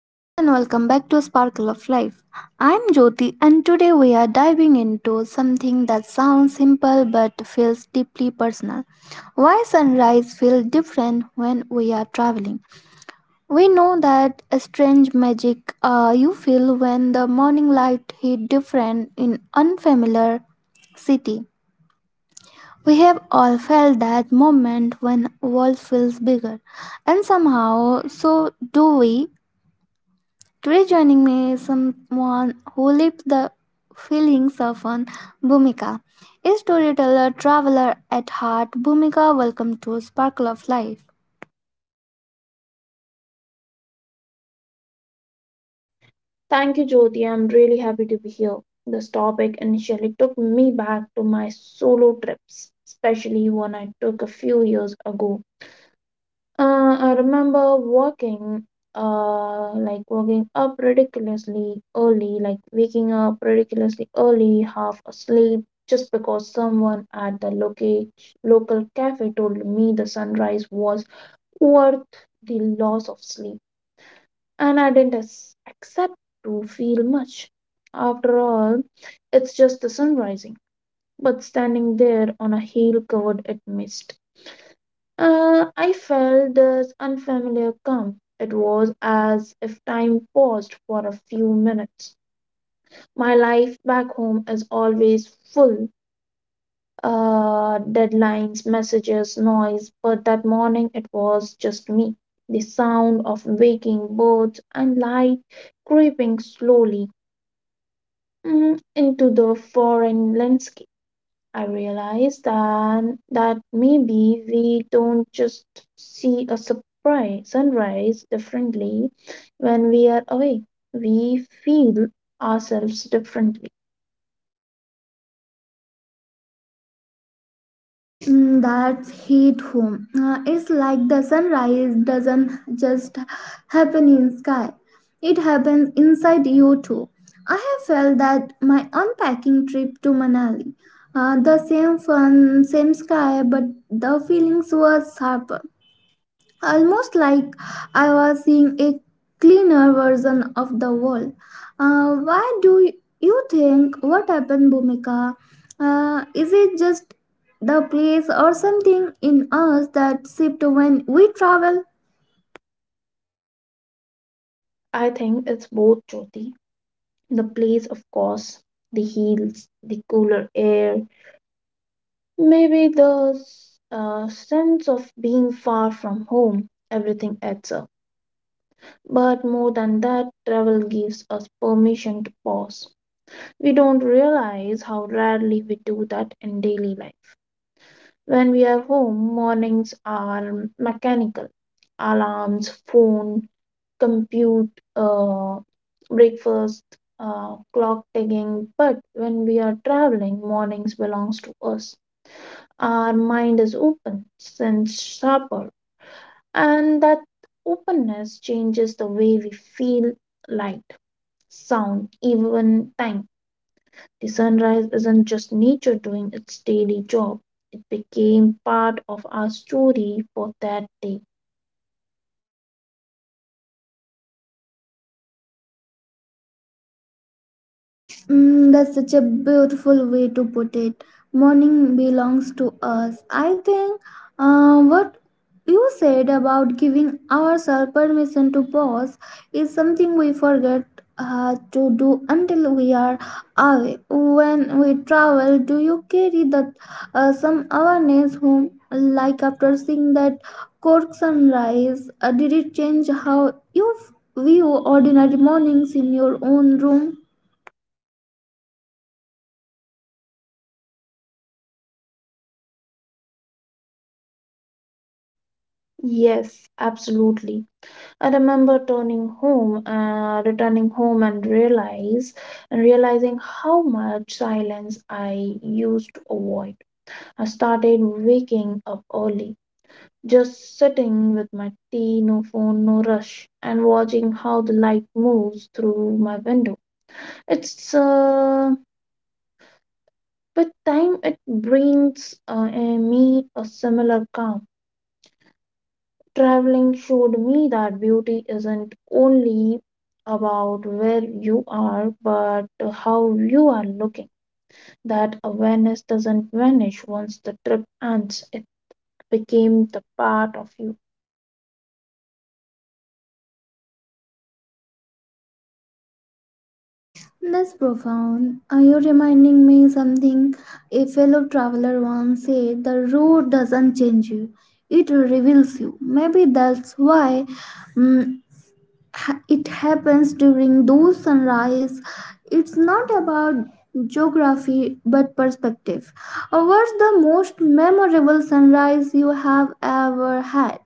Hello and welcome back to Sparkle of Life. I'm Jyoti and today we are diving into something that sounds simple but feels deeply personal. Why sunrise feels different when we are traveling? We know that a strange magic you feel when the morning light hit different in unfamiliar city. We have all felt that moment when world feels bigger and somehow so do we. Today, joining me is someone who lived the feelings of an Bhumika. A storyteller, traveler at heart, Bhumika, welcome to Sparkle of Life. Thank you, Jyoti. I'm really happy to be here. This topic initially took me back to my solo trips, especially one I took a few years ago. I remember walking, like waking up ridiculously early, half asleep, just because someone at the local cafe told me the sunrise was worth the loss of sleep, and I didn't accept to feel much. After all, it's just the sun rising. But standing there on a hill covered in mist, I felt this unfamiliar calm. It was as if time paused for a few minutes. My life back home is always full, deadlines, messages, noise, but that morning it was just me, the sound of waking birds and light creeping slowly, into the foreign landscape. I realized that maybe we don't just see a surprise sunrise differently when we are away. We feel ourselves differently. Mm, that hit home. It's like the sunrise doesn't just happen in sky. It happens inside you too. I have felt that my unpacking trip to Manali. The same fun, same sky, but the feelings were sharper, almost like I was seeing a cleaner version of the world. Why do you think what happened, Bhumika? Is it just the place or something in us that shift when we travel? I think it's both, Jyoti, the place of course, the hills, the cooler air, maybe the sense of being far from home. Everything adds up. But more than that, travel gives us permission to pause. We don't realize how rarely we do that in daily life. When we are home, mornings are mechanical: alarms, phone, compute, uh, breakfast, clock ticking. But when we are traveling, mornings belongs to us. Our mind is open, sense sharper, and that openness changes the way we feel light, sound, even time. The sunrise isn't just nature doing its daily job, it became part of our story for that day. Mm, that's such a beautiful way to put it. Morning belongs to us. I think what you said about giving ourselves permission to pause is something we forget to do until we are away. When we travel, do you carry that some awareness home? Like after seeing that Cork sunrise, did it change how you view ordinary mornings in your own room? Yes, absolutely. I remember returning home, and realize and realizing how much silence I used to avoid. I started waking up early, just sitting with my tea, no phone, no rush, and watching how the light moves through my window. It's but time it brings me a similar calm. Traveling showed me that beauty isn't only about where you are, but how you are looking. That awareness doesn't vanish once the trip ends. It became the part of you. That's profound. Are you reminding me something a fellow traveler once said? The road doesn't change you, it reveals you. Maybe that's why mm, it happens during those sunrise. It's not about geography but perspective. What's the most memorable sunrise you have ever had?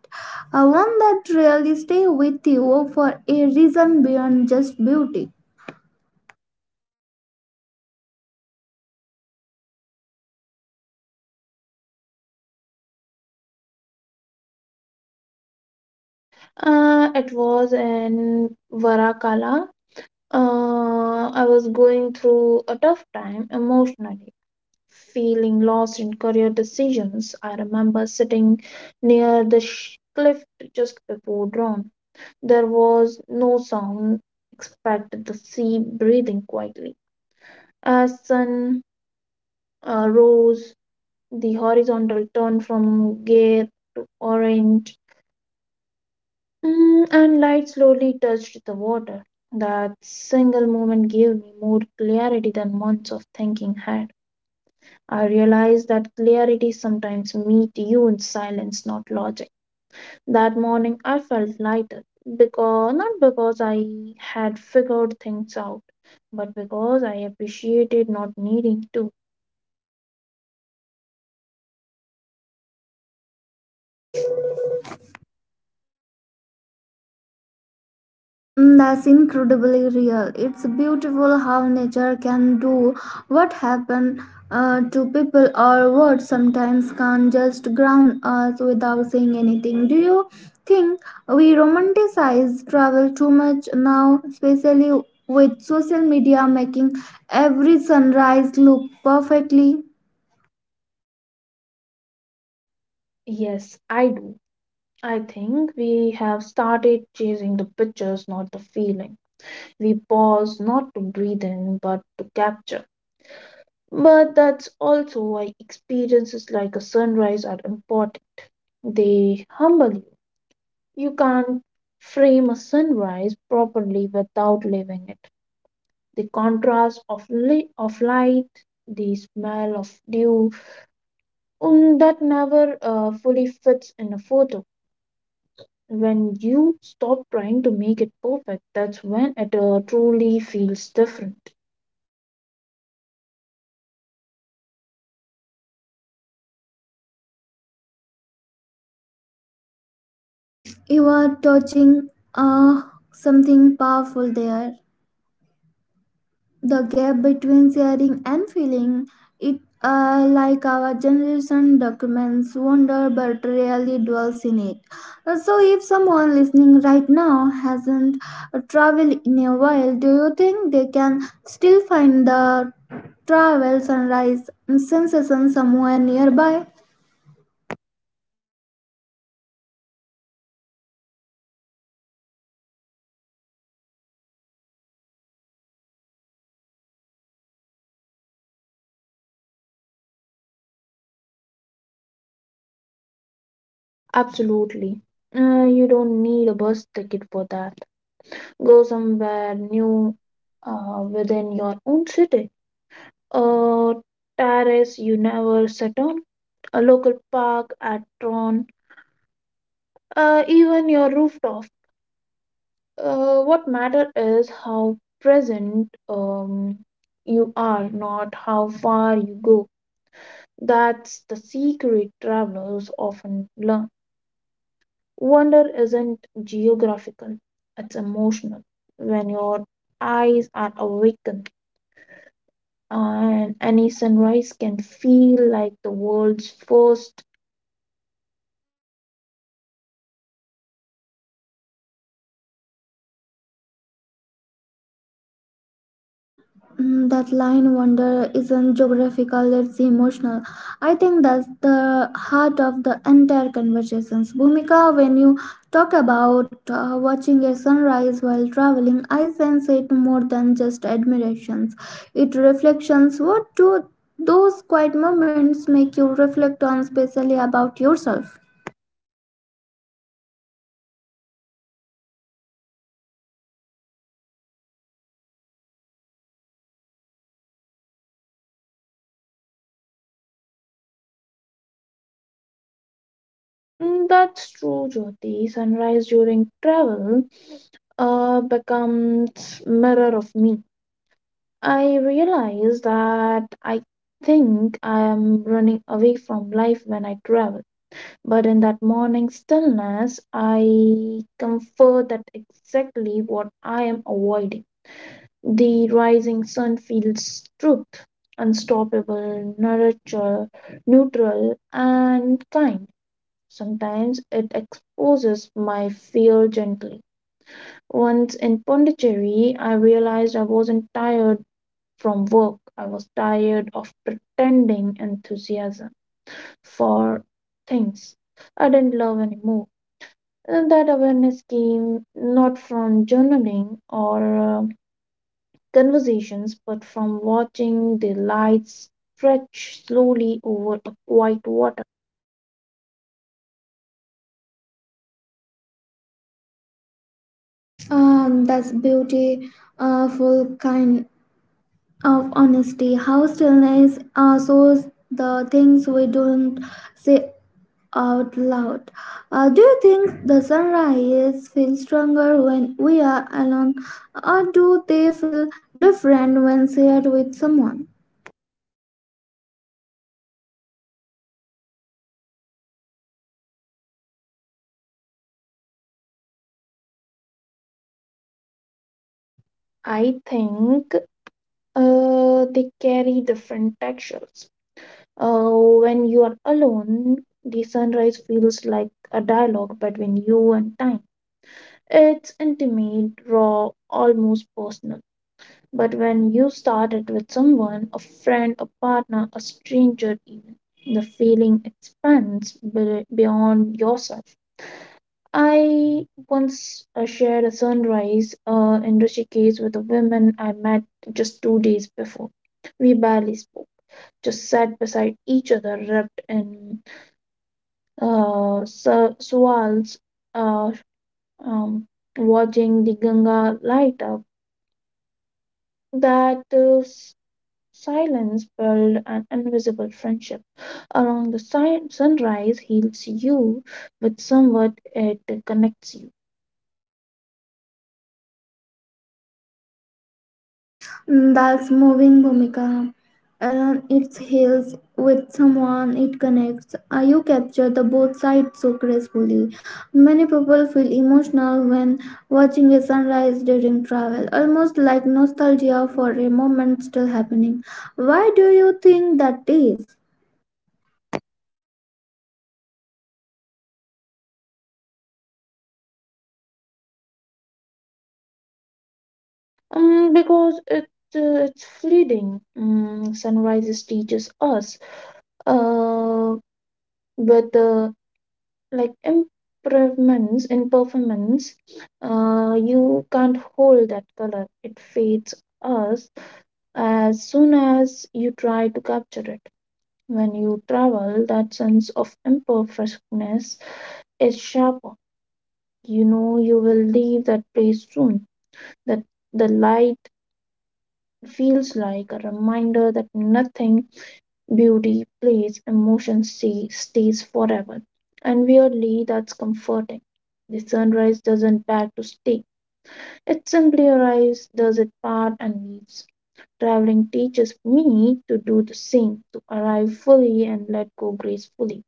One that really stay with you for a reason beyond just beauty. It was in Varakala. I was going through a tough time emotionally, feeling lost in career decisions. I remember sitting near the cliff just before dawn. There was no sound except the sea breathing quietly. As sun rose, the horizontal turned from gray to orange, and light slowly touched the water. That single moment gave me more clarity than months of thinking had. I realized that clarity sometimes meet you in silence, not logic. That morning I felt lighter, because not because I had figured things out, but because I appreciated not needing to. Mm, that's incredibly real. It's beautiful how nature can do what happen to people or what sometimes can just ground us without saying anything. Do you think we romanticize travel too much now, especially with social media making every sunrise look perfectly? Yes, I do. I think we have started chasing the pictures, not the feeling. We pause not to breathe in, but to capture. But that's also why experiences like a sunrise are important. They humble you. You can't frame a sunrise properly without leaving it. The contrast of, of light, the smell of dew, that never fully fits in a photo. When you stop trying to make it perfect, that's when it truly feels different. You are touching something powerful there, the gap between sharing and feeling it, like our generation documents wonder but rarely dwells in it. So if someone listening right now hasn't traveled in a while, do you think they can still find the travel sunrise sensation somewhere nearby? Absolutely. You don't need a bus ticket for that. Go somewhere new, within your own city: a terrace you never sat on, a local park at Tron, even your rooftop. What matters is how present you are, not how far you go. That's the secret travelers often learn. Wonder isn't geographical, it's emotional. When your eyes are awakened, and any sunrise can feel like the world's first. Mm, that line, wonder isn't geographical, it's emotional. I think that's the heart of the entire conversations, Bhumika. When you talk about watching a sunrise while traveling, I sense it more than just admirations, it reflections. What do those quiet moments make you reflect on, especially about yourself? That's true, Jyoti. Sunrise during travel becomes mirror of me. I realize that I think I am running away from life when I travel, but in that morning stillness, I comfort that exactly what I am avoiding. The rising sun feels truth, unstoppable, nurture, neutral, and kind. Sometimes it exposes my fear gently. Once in Pondicherry, I realized I wasn't tired from work, I was tired of pretending enthusiasm for things I didn't love anymore. And that awareness came not from journaling or conversations, but from watching the lights stretch slowly over a quiet water. Um, that's beauty, full kind of honesty, how stillness shows the things we don't say out loud. Do you think the sunrise feels stronger when we are alone, or do they feel different when shared with someone? I think They carry different textures. When you are alone, the sunrise feels like a dialogue between you and time. It's intimate, raw, almost personal. But when you start it with someone, a friend, a partner, a stranger, even, the feeling expands beyond yourself. I once shared a sunrise in Rishikesh with a woman I met just 2 days before. We barely spoke, just sat beside each other, wrapped in swirls, uh, um, watching the Ganga light up. That silence built an invisible friendship. Along the sunrise heals you, but somewhat it connects you. Mm, that's moving, Bhumika. Around its heels with someone it connects. You capture the both sides so gracefully. Many people feel emotional when watching a sunrise during travel, almost like nostalgia for a moment still happening. Why do you think that is? Because it it's fleeting. Sunrises teaches us, uh, but like improvements in performance, you can't hold that color, it fades us as soon as you try to capture it. When you travel, that sense of imperfectness is sharper, you know you will leave that place soon, that the light feels like a reminder that nothing, beauty, place, emotion stays forever. And weirdly, that's comforting. The sunrise doesn't beg to stay. It simply arrives, does its part, and leaves. Traveling teaches me to do the same, to arrive fully and let go gracefully.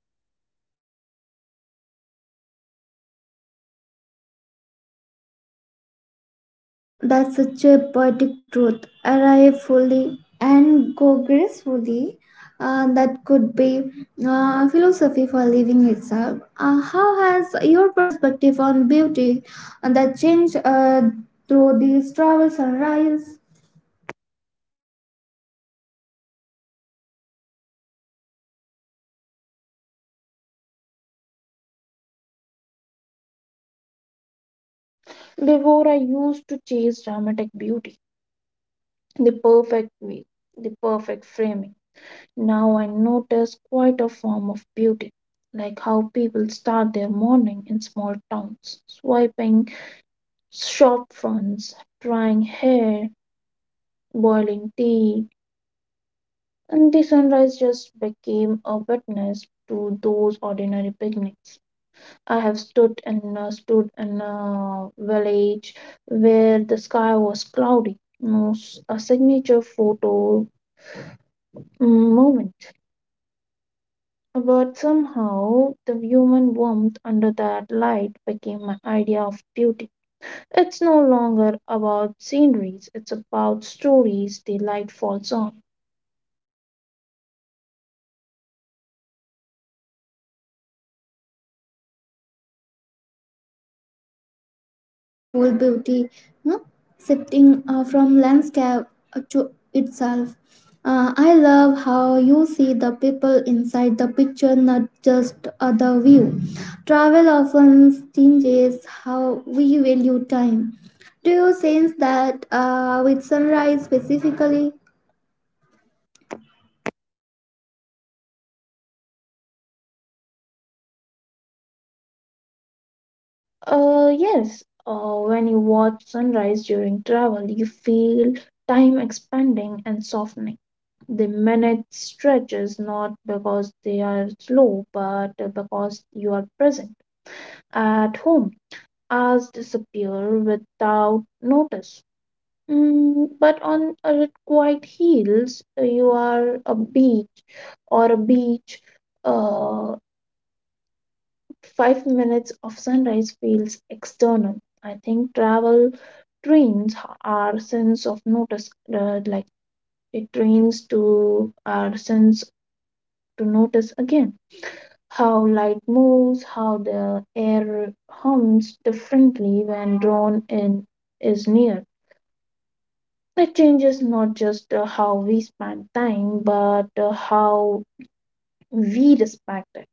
That's such a poetic truth. Arrive fully and go gracefully. That could be philosophy for living itself. How has your perspective on beauty that changed through these travels and rise? Before, I used to chase dramatic beauty, the perfect way, the perfect framing. Now I notice quite a form of beauty, like how people start their morning in small towns, swiping shop fronts, drying hair, boiling tea, and the sunrise just became a witness to those ordinary picnics. I have stood in a village where the sky was cloudy, no a signature photo moment. But somehow the human warmth under that light became my idea of beauty. It's no longer about sceneries, it's about stories the light falls on. That's insightful beauty, no? Shifting from landscape to itself. I love how you see the people inside the picture, not just the view. Travel often changes how we value time. Do you sense that with sunrise specifically? Yes, when you watch sunrise during travel, you feel time expanding and softening. The minute stretches not because they are slow, but because you are present. At home, hours disappear without notice. But on a quiet hills, you are a beach or a beach. Uh, Five minutes of sunrise feels external. I think travel trains our sense of notice, like it trains to our sense to notice again how light moves, how the air hums differently when drawn in is near. It changes not just how we spend time, but how we respect it.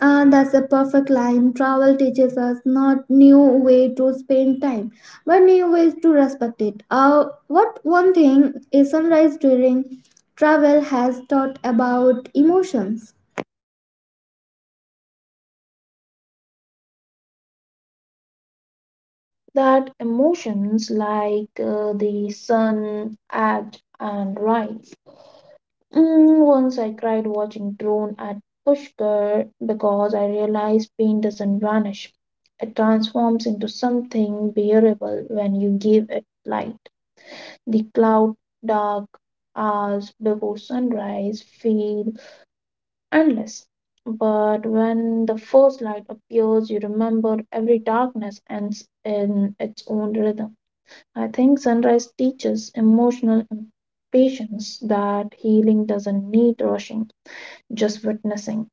Ah, that's a perfect line. Travel teaches us not new way to spend time, but new ways to respect it. What one thing a sunrise during travel has taught about emotions? That emotions like the sun act and rise. Once I cried watching drone at Pushkar because I realized pain doesn't vanish. It transforms into something bearable when you give it light. The cloud dark hours before sunrise feel endless. But when the first light appears, you remember every darkness ends in its own rhythm. I think sunrise teaches emotional patience, that healing doesn't need rushing, just witnessing.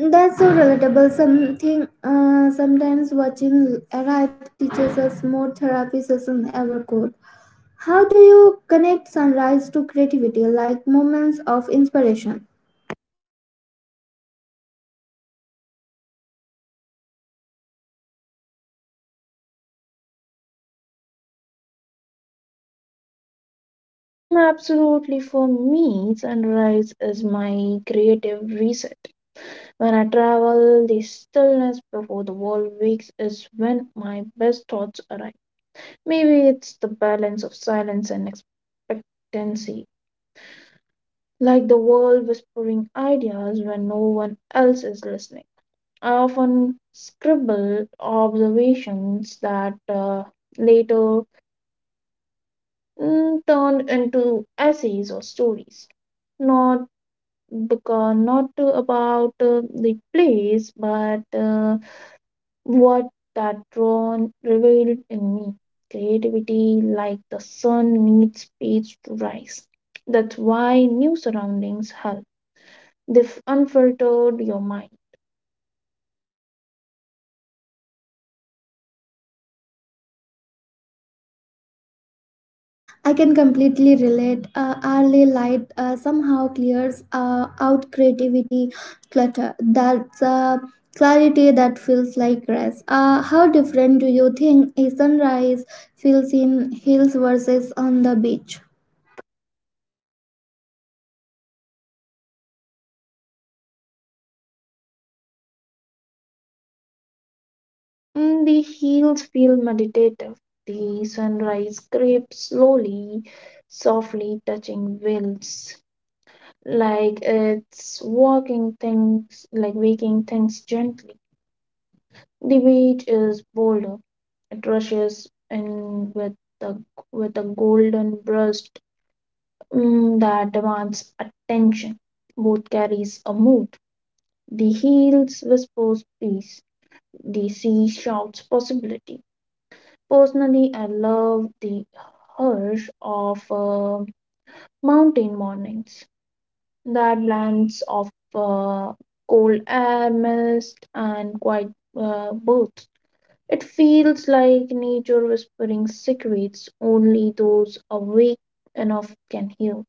That's so relatable. Something, sometimes watching arrive teaches us more therapy session ever could. How do you connect sunrise to creativity, like moments of inspiration? Absolutely, for me, sunrise is my creative reset. When I travel, the stillness before the world wakes is when my best thoughts arrive. Maybe it's the balance of silence and expectancy, like the world whispering ideas when no one else is listening. I often scribble observations that later turned into essays or stories, not because not to about the place, but what that drawn revealed in me. Creativity, like the sun, needs space to rise. That's why new surroundings help. They unfiltered your mind. I can completely relate. Early light somehow clears out creativity clutter. That's clarity that feels like rest. How different do you think a sunrise feels in hills versus on the beach? The hills feel meditative. The sunrise creeps slowly, softly touching wills, like waking things gently. The beach is bolder. It rushes in with the with a golden burst, that demands attention. Both carries a mood. The hills whispers peace. The sea shouts possibility. Personally, I love the hush of mountain mornings. That blends of cold air, mist, and quiet birds. It feels like nature whispering secrets only those awake enough can hear.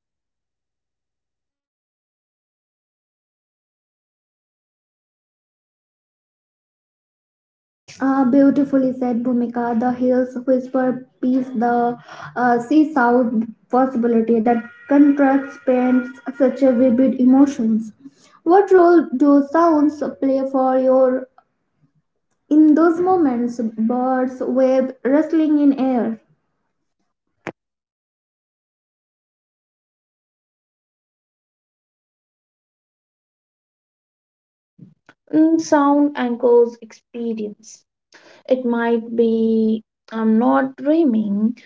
Beautifully said, Bhumika. The hills whisper peace, the sea south possibility, that contracts paints such a vivid emotions. What role do sounds play for your in those moments, birds wave rustling in air? Sound anchors experience. It might be I'm not dreaming.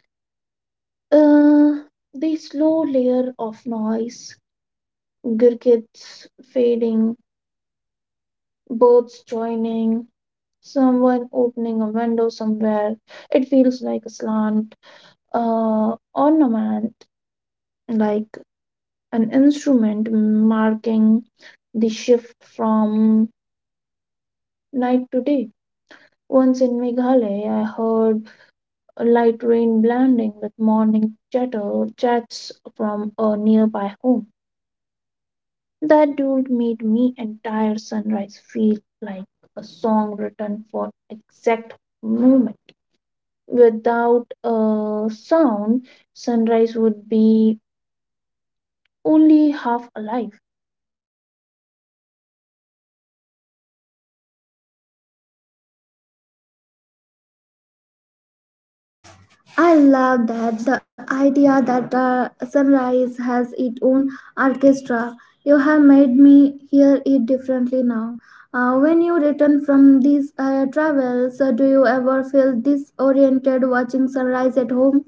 Uh, the slow layer of noise, Gurkits fading, birds joining, someone opening a window somewhere. It feels like a slant, ornament, like an instrument marking the shift from night to day. Once in Meghalaya, I heard a light rain blending with morning chatter chats from a nearby home. That duel made me entire sunrise feel like a song written for exact moment. Without a sound, sunrise would be only half alive. I love that the idea that the sunrise has its own orchestra. You have made me hear it differently now. When you return from these travels, do you ever feel disoriented watching sunrise at home?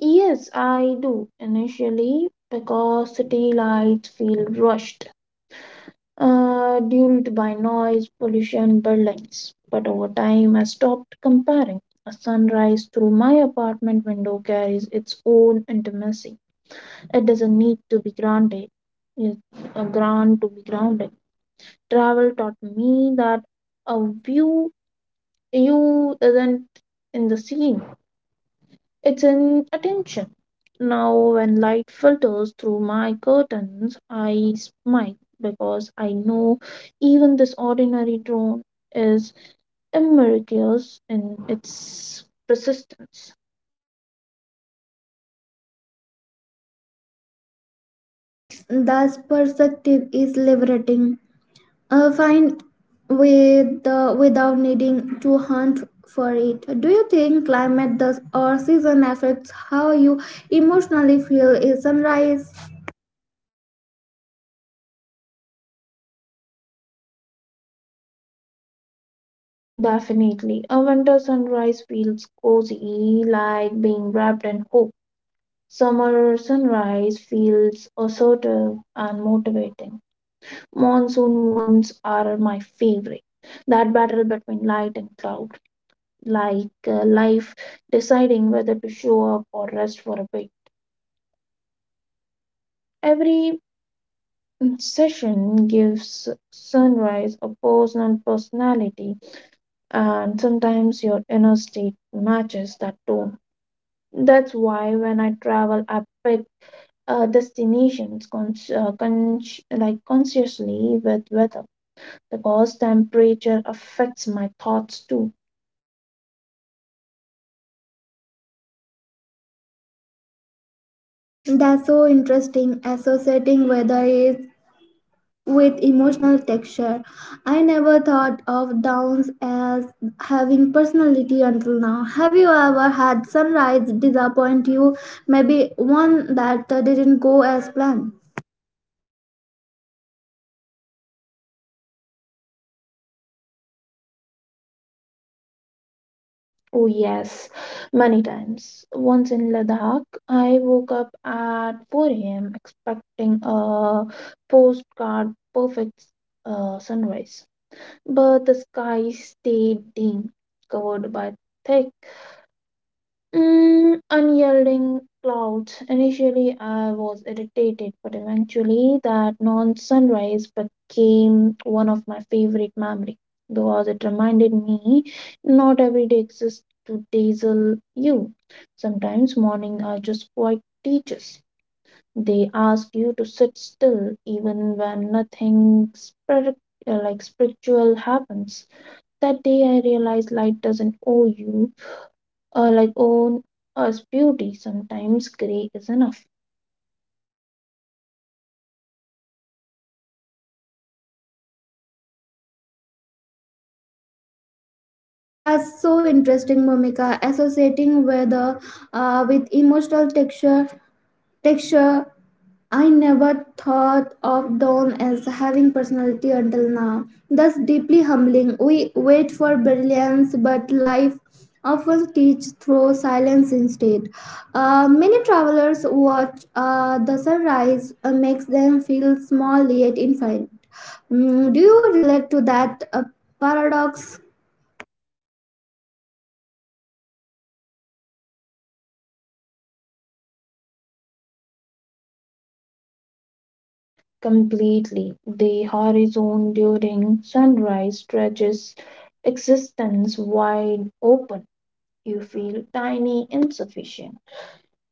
Yes, I do initially because city lights feel rushed, dulled by noise, pollution, burdens. But over time, I stopped comparing. A sunrise through my apartment window carries its own intimacy. It doesn't need to be granted. Yes, a grant to be grounded. Travel taught me that a view you isn't in the scene. It's in attention. Now, when light filters through my curtains, I smile because I know even this ordinary drone is miraculous in its persistence. The perspective is liberating. Uh, find with the without needing to hunt for it. Do you think climate does or season affects how you emotionally feel? Is sunrise Definitely, a winter sunrise feels cozy, like being wrapped in hope. Summer sunrise feels assertive and motivating. Monsoon ones are my favorite. That battle between light and cloud, like life deciding whether to show up or rest for a bit. Every session gives sunrise a personality, and sometimes your inner state matches that tone. That's why when I travel, I pick destinations consciously with weather because temperature affects my thoughts too. that's so interesting, associating weather is with emotional texture. I never thought of downs as having personality until now. Have you ever had sunrise disappoint you? Maybe one that didn't go as planned. Oh yes, many times. Once in Ladakh, I woke up at 4 a.m. expecting a postcard perfect sunrise, but the sky stayed dim, covered by thick, unyielding clouds. Initially, I was irritated, but eventually, that non sunrise became one of my favorite memories because it reminded me not every day exists to dazzle you. Sometimes morning are just quiet teachers. They ask you to sit still even when nothing spiritual happens. That day, I realized light doesn't owe you own us beauty. Sometimes gray is enough. Mm, that's so interesting, Momika. Associating with emotional texture. I never thought of Dawn as having personality until now. That's deeply humbling. We wait for brilliance, but life often teaches through silence instead. Many travelers watch the sunrise makes them feel small yet infinite. Mm, do you relate to that paradox? Completely. The horizon during sunrise stretches existence wide open. You feel tiny, insufficient.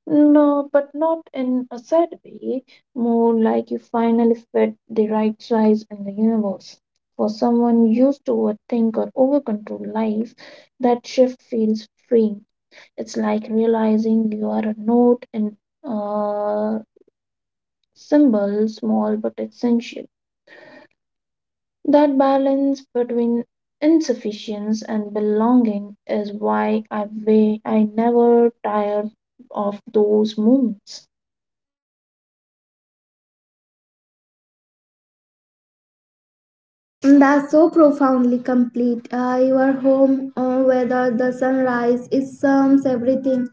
No, but not in a sad way, more like you finally fit the right size in the universe. For someone used to overthink or overcontrol life, that shift feels freeing. It's like realizing you are a note and uh, symbol, small but essential. That balance between insufficiency and belonging is why I never tire of those moments. That's so profoundly complete. Your home, whether the sunrise, it sums everything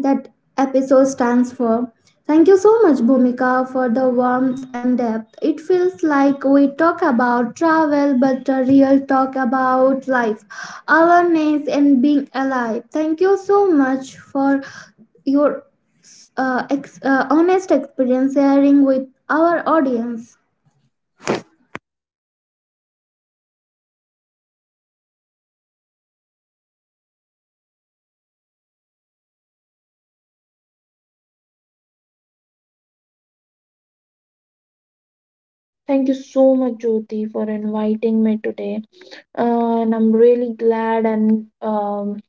that episode stands for. Thank you so much, Bhumika, for the warmth and depth. It feels like we talk about travel, but a real talk about life, awareness, and being alive. Thank you so much for your honest experience sharing with our audience. Thank you so much, Jyoti, for inviting me today. And I'm really glad, and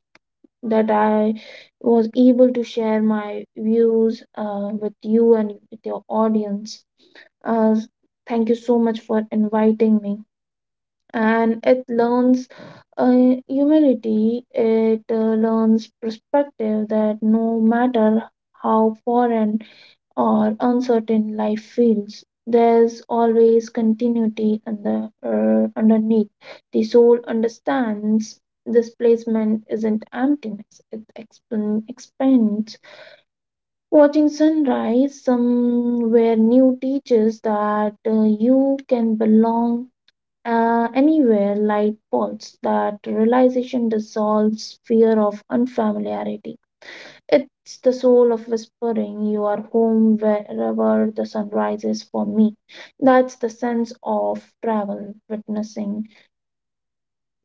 that I was able to share my views with you and with your audience. Uh, thank you so much for inviting me. And it learns uh, humility, it learns perspective that no matter how foreign or uncertain life feels, there's always continuity under, underneath. The soul understands displacement isn't emptiness, it expands. Watching sunrise somewhere new teaches that you can belong anywhere. Light pulse that realization dissolves fear of unfamiliarity. It's the soul of whispering, "You are home wherever the sun rises for me." That's the sense of travel witnessing.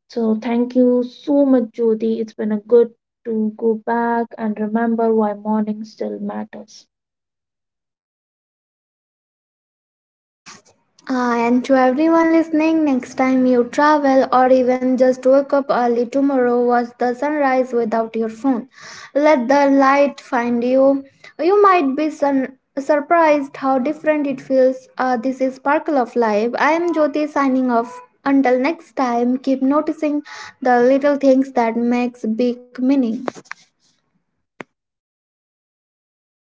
So thank you so much, Jyoti. It's been a good to go back and remember why morning still matters. Ah, and to everyone listening, next time you travel or even just wake up early tomorrow, watch the sunrise without your phone. Let the light find you. You might be surprised how different it feels. This is Sparkle of Life. I am Jyoti signing off. Until next time, keep noticing the little things that makes big meaning.